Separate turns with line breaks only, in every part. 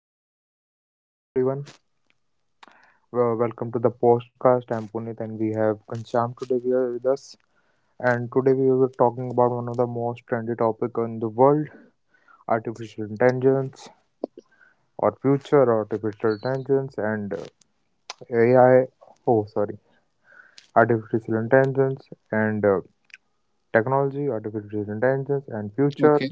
Hello everyone. Welcome to the podcast. I'm Puneet and we have Ghanshyam today we with us. And today we were talking about one of the most trendy topic in the world, artificial intelligence or future artificial intelligence and AI. Oh, sorry, artificial intelligence and technology, artificial intelligence and future.
Okay.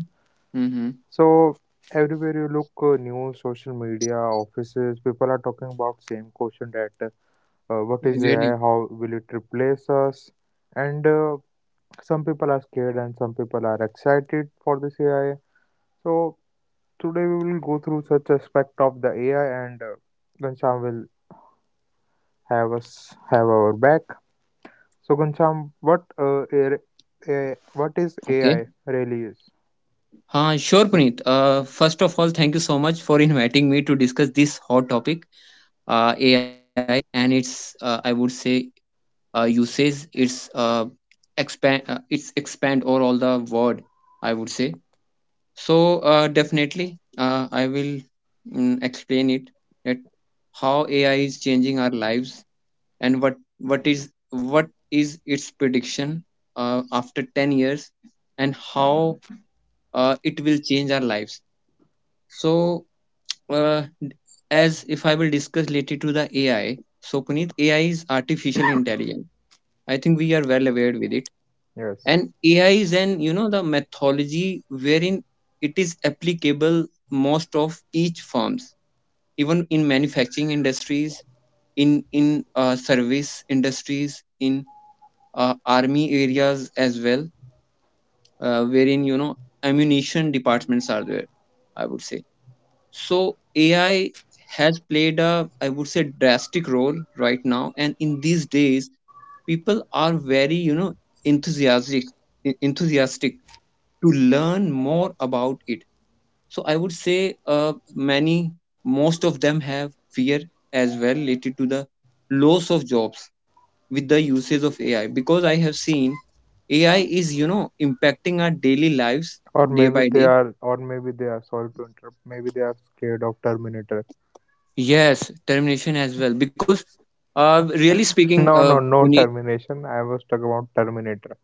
Mm-hmm.
So, everywhere you look, news, social media, offices, people are talking about same question that what is
Really?
AI, how will it replace us? And Some people are scared and some people are excited for this AI. So today we will go through such aspect of the AI, and Ghanshyam will have our back. So Ghanshyam, what is
Okay.
AI really is?
Sure, Puneet. First of all, thank you so much for inviting me to discuss this hot topic, AI, and its, I would say, usage, its expand or all the word, I would say. So definitely, I will explain it that how AI is changing our lives, and what is what is its prediction after 10 years, and how it will change our lives. So uh, as if I will discuss related to the AI. So, Puneet, AI is artificial intelligence. I think we are well aware with it.
Yes.
And AI is an, the methodology, wherein it is applicable most of each firms, even in manufacturing industries, in in service industries, in army areas as well, wherein ammunition departments are there, I would say. So AI has played a, I would say, drastic role right now. And in these days people are very, enthusiastic, enthusiastic to learn more about it. So I would say, many most of them have fear as well related to the loss of jobs with the usage of AI, because I have seen AI is, impacting our daily lives
Or
day
maybe
by
they
day.
are, or maybe they are, sorry to interrupt, maybe they are scared of Terminator.
Yes, termination as well, because really speaking,
No, no, no
Puneet.
termination. I was talking about Terminator,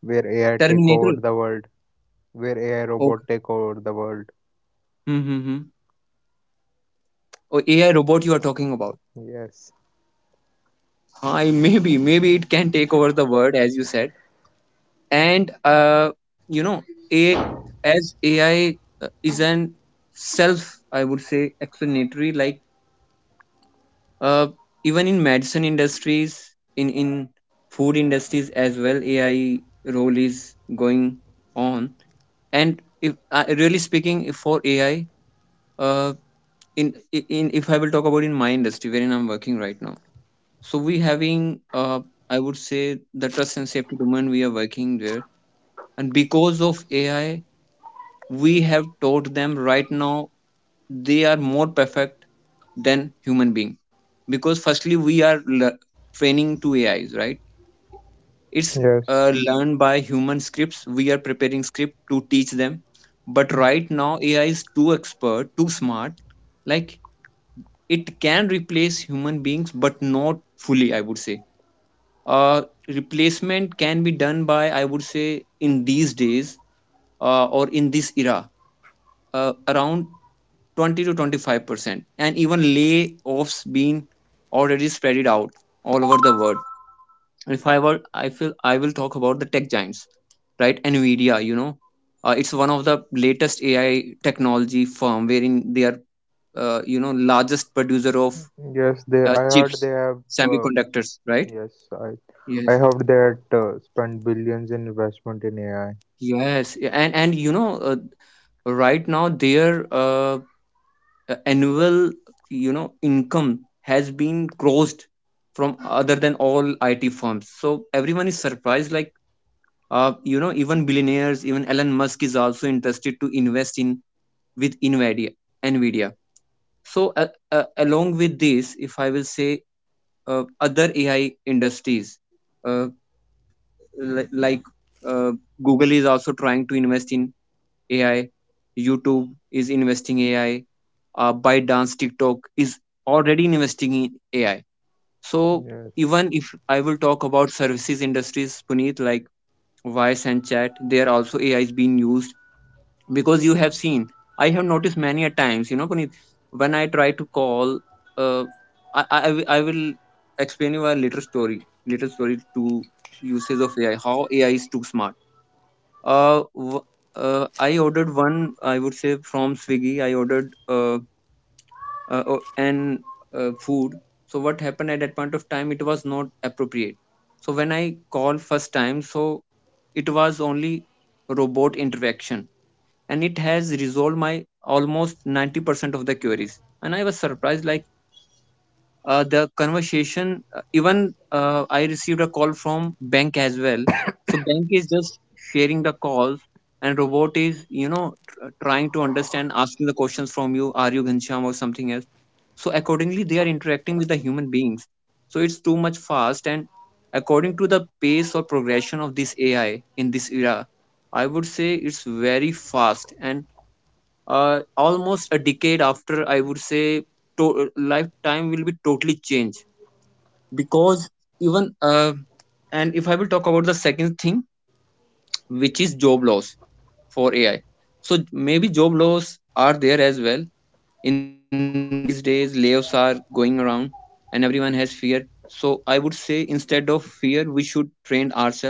where AI take over
Terminator.
the world. Where AI
Okay.
robot take over the world.
Mm-hmm. Or AI robot you are talking about.
Yes,
Hi, maybe it can take over the world as you said. And you know a as AI is an self, I would say, explanatory. Like uh, even in medicine industries, in food industries as well, AI role is going on. And if really speaking, if for AI uh, in in, if I will talk about, in my industry wherein I'm working right now. So we having, uh, I would say, the trust and safety domain, we are working there. And because of AI, we have taught them. Right now, they are more perfect than human being. Because firstly we are training to AIs, right? It's
Yes,
learned by human scripts, we are preparing script to teach them. But right now AI is too expert, too smart. Like, it can replace human beings but not fully, I would say. uh, Replacement can be done by, I would say, in these days, or in this era, around 20 to 25%. And even layoffs being already spread out all over the world. And if I were I feel I will talk about the tech giants, right? Nvidia, it's one of the latest AI technology firm wherein they are, largest producer of
yes. They, I
chips,
heard they have.
semiconductors, right?
Yes, I, I
Yes.
heard that spend billions in investment in AI.
Yes yeah, and right now their uh, annual, income has been crossed from other than all IT firms. So everyone is surprised. Like even billionaires, even Elon Musk is also interested to invest in with Nvidia. Nvidia. So along with this, if I will say, other AI industries, uh, like, uh, Google is also trying to invest in AI. YouTube is investing AI. ByteDance, TikTok is already investing in AI. So
Yes.
even if I will talk about services industries, Puneet, like voice and chat, there also AI is being used because you have seen. I have noticed many a times, Puneet, when I try to call, uh, I will explain you a little story, to usage of AI, how AI is too smart. Uh, w- I ordered one, I would say, from Swiggy. I ordered an food. So what happened at that point of time, it was not appropriate. So when I called first time, so it was only robot interaction, and it has resolved my almost 90% of the queries. And I was surprised, like the conversation, even I received a call from bank as well. So bank is just sharing the calls, and robot is, trying to understand, asking the questions from you: are you Ghansham or something else? So accordingly they are interacting with the human beings. So it's too much fast. And according to the pace or progression of this AI in this era, I would say it's very fast. And almost a decade after, I would say, lifetime will be totally changed. Because even and if I will talk about the second thing, which is job loss for AI. So maybe job loss are there as well, in these days layoffs are going around, and everyone has fear. So I would say instead of fear we should train ourselves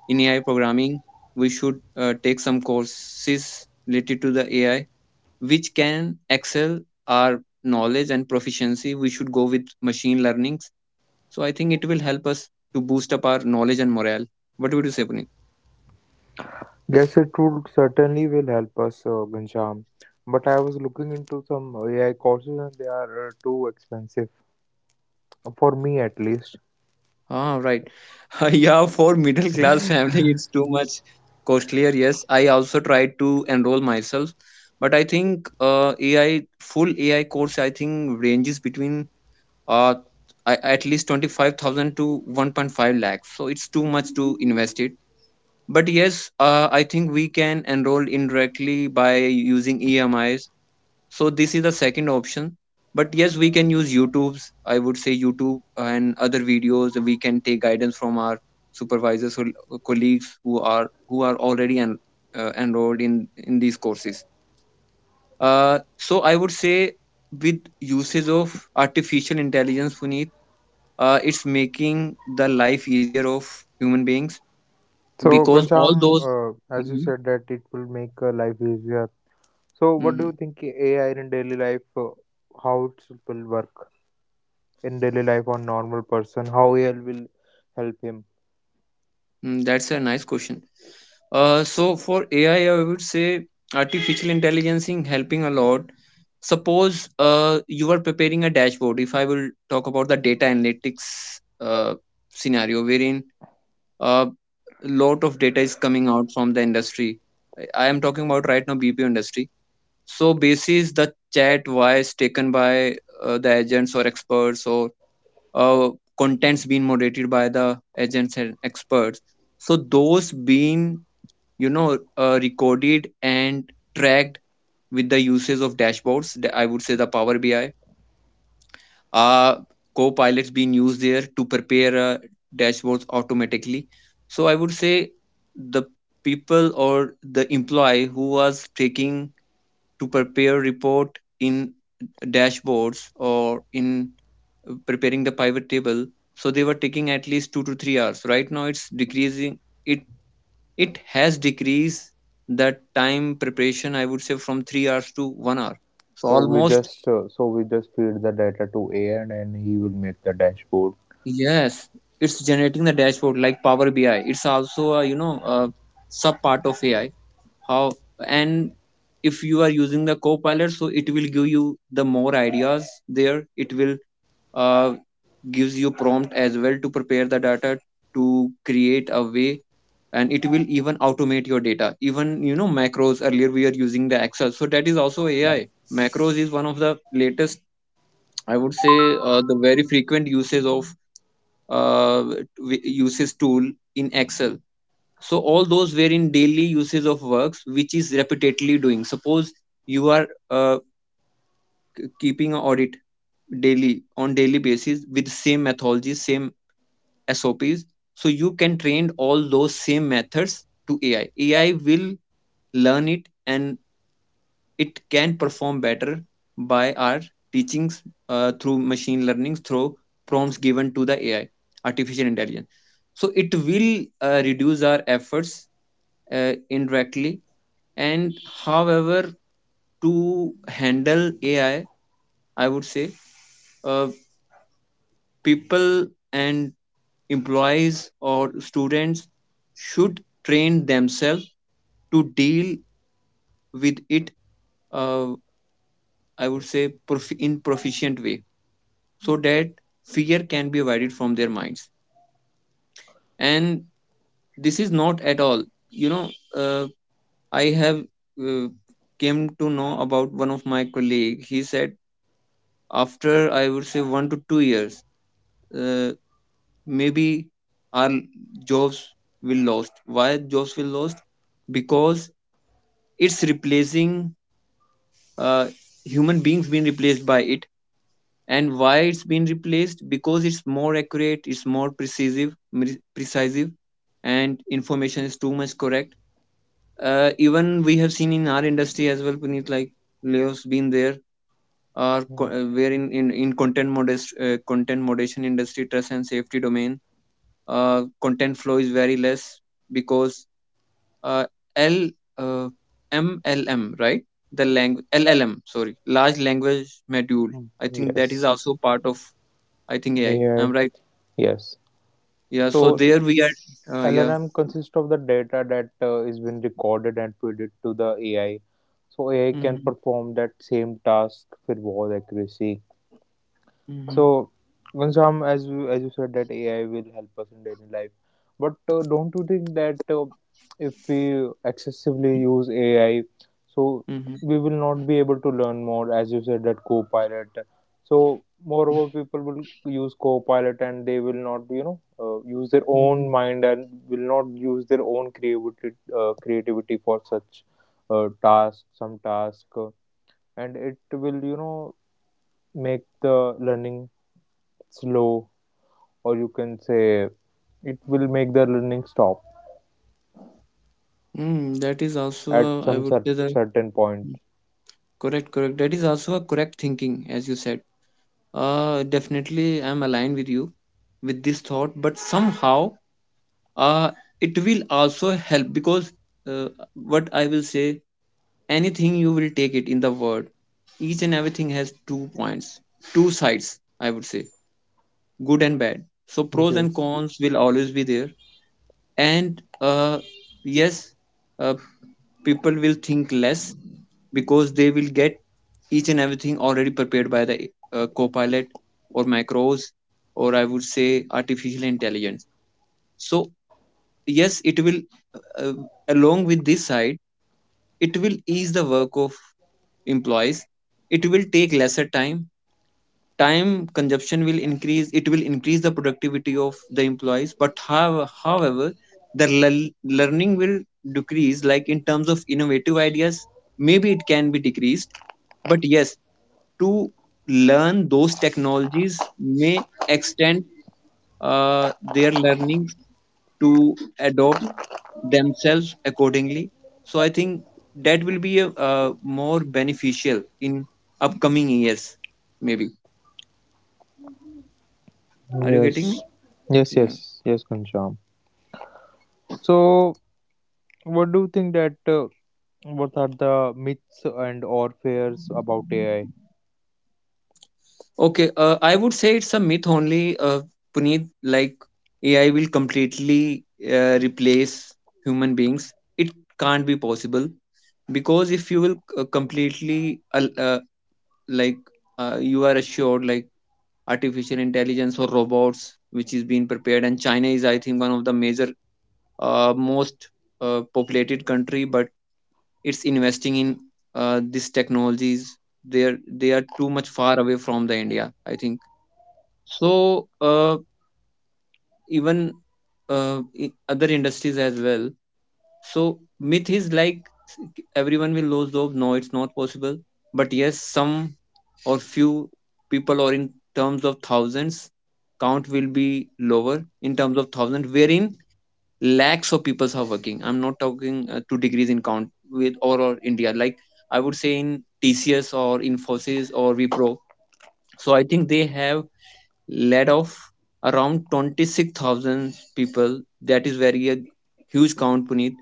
in AI programming. We should take some courses related to the AI, which can excel our knowledge and proficiency. We should go with machine learnings. So I think it will help us to boost up our knowledge and morale. What would you say, Puneet?
Yes, it would certainly will help us, Ghanshyam. But I was looking into some AI courses and they are too expensive for me at least.
Ah, right. Yeah, for middle class family it's too much costlier. Yes, I also tried to enroll myself, but I think ai full AI course I think ranges between uh at least 25,000 to 1.5 lakhs. So it's too much to invest it. But yes, I think we can enroll indirectly by using EMIs. So this is the second option. But yes, we can use YouTube's. I would say YouTube and other videos. We can take guidance from our supervisors or colleagues who are, already enrolled in these courses. So I would say with usage of artificial intelligence, Puneet, it's making the life easier of human beings
So,
because
Ghanshyam,
all those.
as you
Mhm.
said that it will make life easier. So, what do you
Mhm.
think AI in daily life, how it will work in daily life on normal person? How AI will help him?
Mm, that's a nice question. So for AI, I would say artificial intelligence in helping a lot. Suppose you are preparing a dashboard. If I will talk about the data analytics scenario, wherein a lot of data is coming out from the industry. I am talking about right now BPO industry. So basis the chat voice taken by the agents or experts, or uh, contents being moderated by the agents and experts, so those being, recorded and tracked with the uses of dashboards, I would say, the power BI, uh, copilots being used there to prepare dashboards automatically. So I would say the people or the employee who was taking to prepare report in dashboards or in preparing the pivot table, so they were taking at least 2 to 3 hours. Right now it's decreasing. it it has decreased that time preparation, I would say, from 3 hours to 1 hour. So
So we
almost
just uh, so we just feed the data to AI and then he will make the dashboard.
yes, it's generating the dashboard. Like power BI, it's also a, a sub part of AI. How. And if you are using the copilot, so it will give you the more ideas there. It will uh, gives you prompt as well to prepare the data, to create a way. And it will even automate your data. Even, macros, earlier we are using the excel, so that is also AI. Macros is one of the latest, I would say, the very frequent uses of uh, uses tool in excel. So all those were in daily uses of works which is repeatedly doing. Suppose you are keeping an audit daily on daily basis with same methodology, same SOPs. So you can train all those same methods to AI. AI will learn it, and it can perform better by our teachings through machine learning, through prompts given to the AI, artificial intelligence. So it will reduce our efforts indirectly. And however, to handle AI, I would say uh, people and employees or students should train themselves to deal with it, uh, I would say in proficient way, so that fear can be avoided from their minds. And this is not at all, you know uh, I have uh, came to know about one of my colleague. He said after, I would say, 1 to 2 years, uh, maybe our jobs will lost. Why jobs will lost? Because it's replacing uh, human beings, being replaced by it. And why it's been replaced? Because it's more accurate, it's more precisive, precisive, and information is too much correct. Even we have seen in our industry as well, Puneet, like layoffs been there, or
Hmm,
where in, in content modest content moderation industry, trust and safety domain, content flow is very less. Because uh, L uh, MLM, right? The language LLM, sorry, large language module.
hmm.
I think that is
Yes,
also part of, I think, AI. Am
AI.
right.
Yes.
Yeah. So
So
there we are. Yeah.
LLM consists of the data that is been recorded and fed to the AI. So AI can
Mm-hmm,
perform that same task with more accuracy.
mm-hmm,
So, Ghanshyam, as you said that AI will help us in daily life, but don't you think that if we excessively use AI, so
mm-hmm,
we will not be able to learn more, as you said that Copilot. So, moreover, people will use Copilot and they will not, you know, use their own
mm-hmm.
mind and will not use their own creativity, creativity for such uh, task, some task, uh, and it will, you know, make the learning slow, or you can say it will make the learning stop
Mm, that is
at
also I would say the
certain point.
correct, correct. That is also a correct thinking, as you said. Definitely, I'm aligned with you with this thought, but somehow uh, it will also help because uh, what I will say, anything you will take it in the world, each and everything has 2 points, two sides I would say, good and bad, so pros and
Yes.
cons will always be there. And yes, uh, people will think less because they will get each and everything already prepared by the copilot or macros or I would say artificial intelligence. So yes, it will, uh, uh, along with this side, it will ease the work of employees. It will take lesser time. Time consumption will increase, it will increase the productivity of the employees, but how, however the learning will decrease, like in terms of innovative ideas, maybe it can be decreased. But yes, to learn those technologies may extend their learning to adopt themselves accordingly. So I think that will be a, more beneficial in upcoming years. Maybe are you getting me?
yes yes,
Yeah.
yes. Yes, Ghanshyam. So what do you think that what are the myths and or fears about AI?
Okay. I would say it's a myth only. Puneet, like AI will completely replace human beings. It can't be possible, because if you will like, you are assured, like artificial intelligence or robots which is being prepared, and China is I think one of the major most populated country, but it's investing in these technologies. They are, they are too much far away from the India I think. So uh, even uh, other industries as well. So myth is like everyone will lose job. No, it's not possible. But yes, some or few people, or in terms of thousands, count will be lower in terms of thousand, wherein lakhs of people are working. I'm not talking 2 degrees in count with or India. Like I would say in TCS or Infosys or Wipro. So I think they have laid off around 26,000 people. That is very a huge count, Puneet,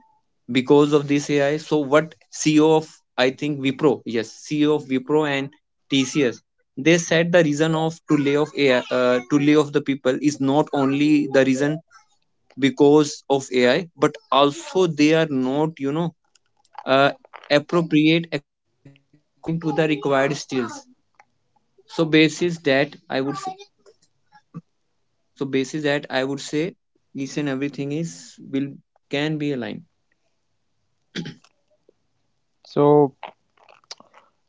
because of this AI. So what CEO of I think Wipro, yes, CEO of Wipro and TCS, they said the reason of to lay off AI, to lay off the people is not only the reason because of AI, but also they are not, you know, uh, appropriate according to the required skills. So basis that I would say. So basis that I would say each and everything is, will, can be aligned.
so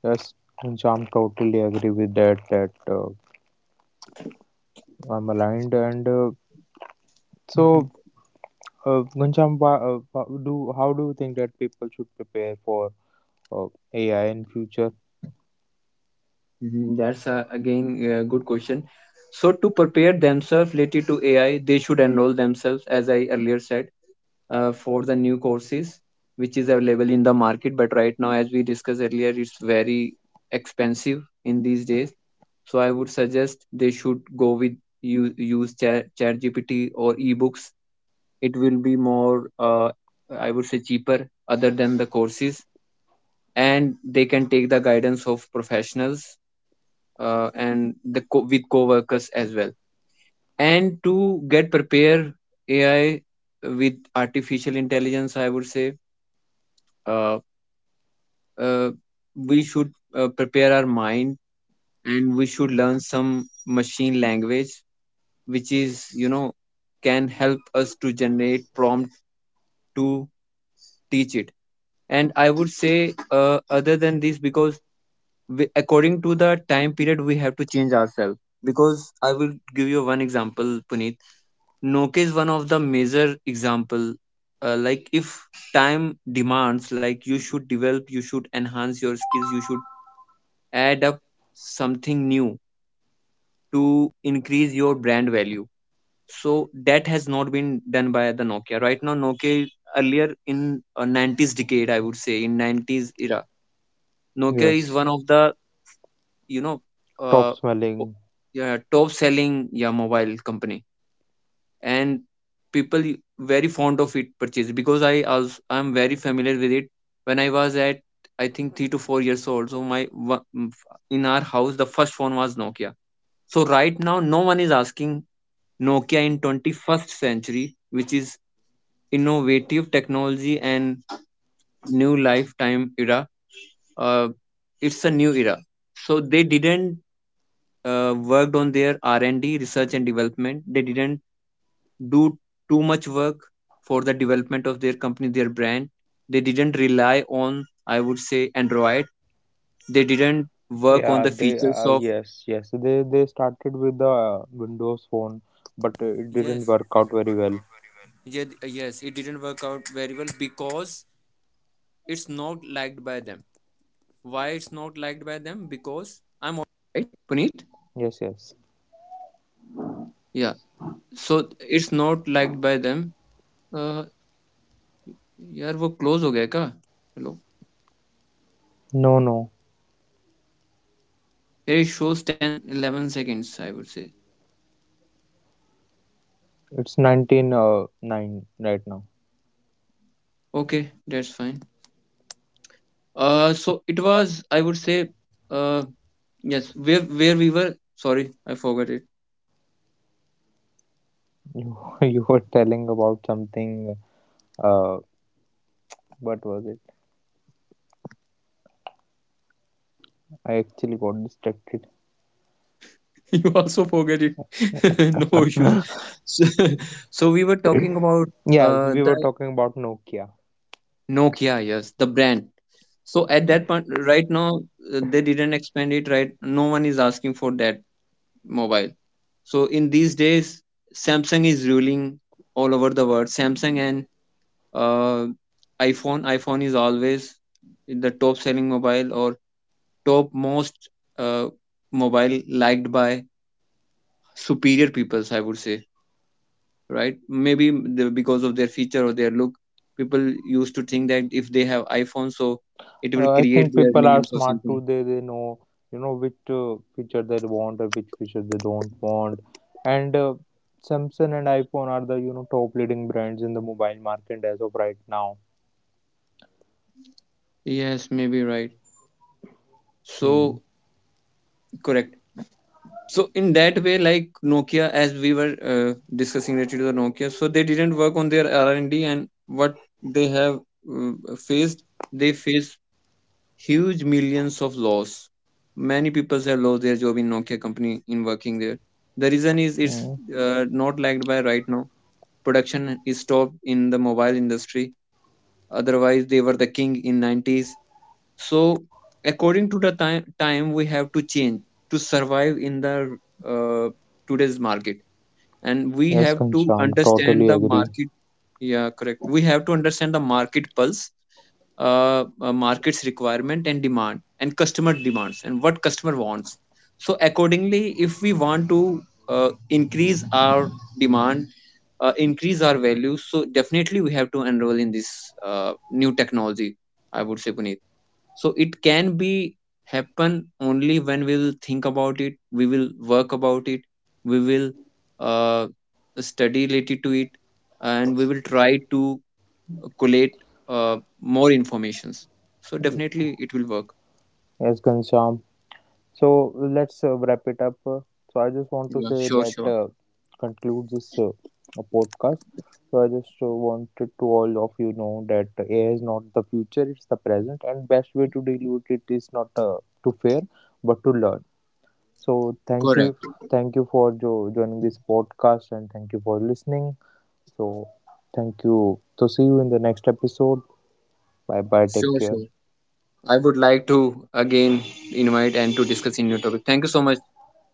yes, Ghanshyam, totally agree with that that uh, I'm aligned and so
Mhm.
Ghanshyam, wha- wha- do how do you think that people should prepare for uh, AI in future?
Mhm, that's again a good question. So to prepare themselves related to AI, they should enroll themselves, as I earlier said, for the new courses which is available in the market, but right now as we discussed earlier, it's very expensive in these days. So I would suggest they should go with, you use chat GPT or ebooks. It will be more, I would say, cheaper other than the courses. And they can take the guidance of professionals and the with co-workers as well. And to get prepare AI, with artificial intelligence I would say, uh, uh, we should prepare our mind, and we should learn some machine language which is, you know, can help us to generate prompt to teach it. And I would say other than this, because we, according to the time period we have to change ourselves, because I will give you one example, Puneet. Nokia is one of the major example. Like if time demands, like you should develop, you should enhance your skills, you should add up something new to increase your brand value. So that has not been done by the Nokia. Right now Nokia, earlier, in 90s decade, I would say in 90s era, Nokia is
Yes.
one of the, you know,
Top
uh, o-
smelling.
yeah, top selling, yeah, mobile company. And people very fond of it, purchase, because I was, I'm very familiar with it. When I was at I think 3 to 4 years old, so my in our house the first phone was Nokia. So right now no one is asking Nokia in 21st century, which is innovative technology and new lifetime era. uh, it's a new era. So they didn't worked on their R&D, research and development. They didn't do too much work for the development of their company, their brand. They didn't rely on, I would say, Android. They didn't work on
Yeah,
the
they
features of.
yes, yes. They started with the Windows Phone, but it didn't work out very well. Yes, yes.
Yeah, so it's not liked by them. Uh, यार वो close हो गया क्या? Hello?
No, no.
ये shows 10 11 seconds I would say.
It's 19 nine right now.
Okay, that's fine. So it was, I would say, uh yes, where we were, sorry, I forgot it.
You you were telling about something. Uh, what was it? I actually got distracted.
You also forget it. No issues. So, so we were talking about
Yes, we were
the
talking about Nokia.
Nokia, yes, the brand. So at that point right now, they didn't expand it, right? No one is asking for that mobile. So in these days Samsung is ruling all over the world. Samsung and uh, iphone is always the top selling mobile or top most uh, mobile, liked by superior peoples I would say. Right, maybe the, because of their feature or their look, people used to think that if they have iphone, so it will
I
create
think
their
people are
names or
smart too.
something.
They know, you know, which feature they want or which feature they don't want. And Samsung and iPhone are the, you know, top leading brands in the mobile market as of right now.
Yes, maybe right.
Hmm.
So, correct. So in that way, like Nokia, as we were discussing related to the Nokia, so they didn't work on their R&D and D, and what they have uh, faced, they face huge millions of loss. Many people have lost their job in Nokia company, in working there. The reason is, it's
Hmm.
not liked by right now. Production is stopped in the mobile industry. Otherwise they were the king in 90s. So according to the time we have to change to survive in the uh, today's market, and we
Yes,
have to
Kancham,
understand
totally
the
agree.
market. Yeah, correct. We have to understand the market pulse, market's requirement and demand, and customer demands, and what customer wants. So accordingly, if we want to increase our demand, increase our value, so definitely we have to enroll in this new technology, I would say, Puneet. So it can be happen only when we will think about it, we will work about it, we will uh, study related to it, and we will try to collate more informations. So definitely it will work.
Yes, Kancham. So let's wrap it up. So I just want to
Yeah,
say
sure,
that
sure.
concludes this podcast. So I just wanted to all of you know that AI is not the future; it's the present, and best way to deal with it is not to fear, but to learn. So thank you,
Correct.
thank you for joining this podcast, and thank you for listening. So Thank you. So see you in the next episode. Bye bye. Take
Sure,
care.
sure. I would like to again invite and to discuss in new topic. Thank you so much,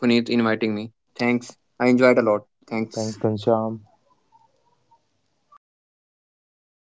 Puneet, inviting me. Thanks. I enjoyed a lot. Thanks.
Thank Kansham.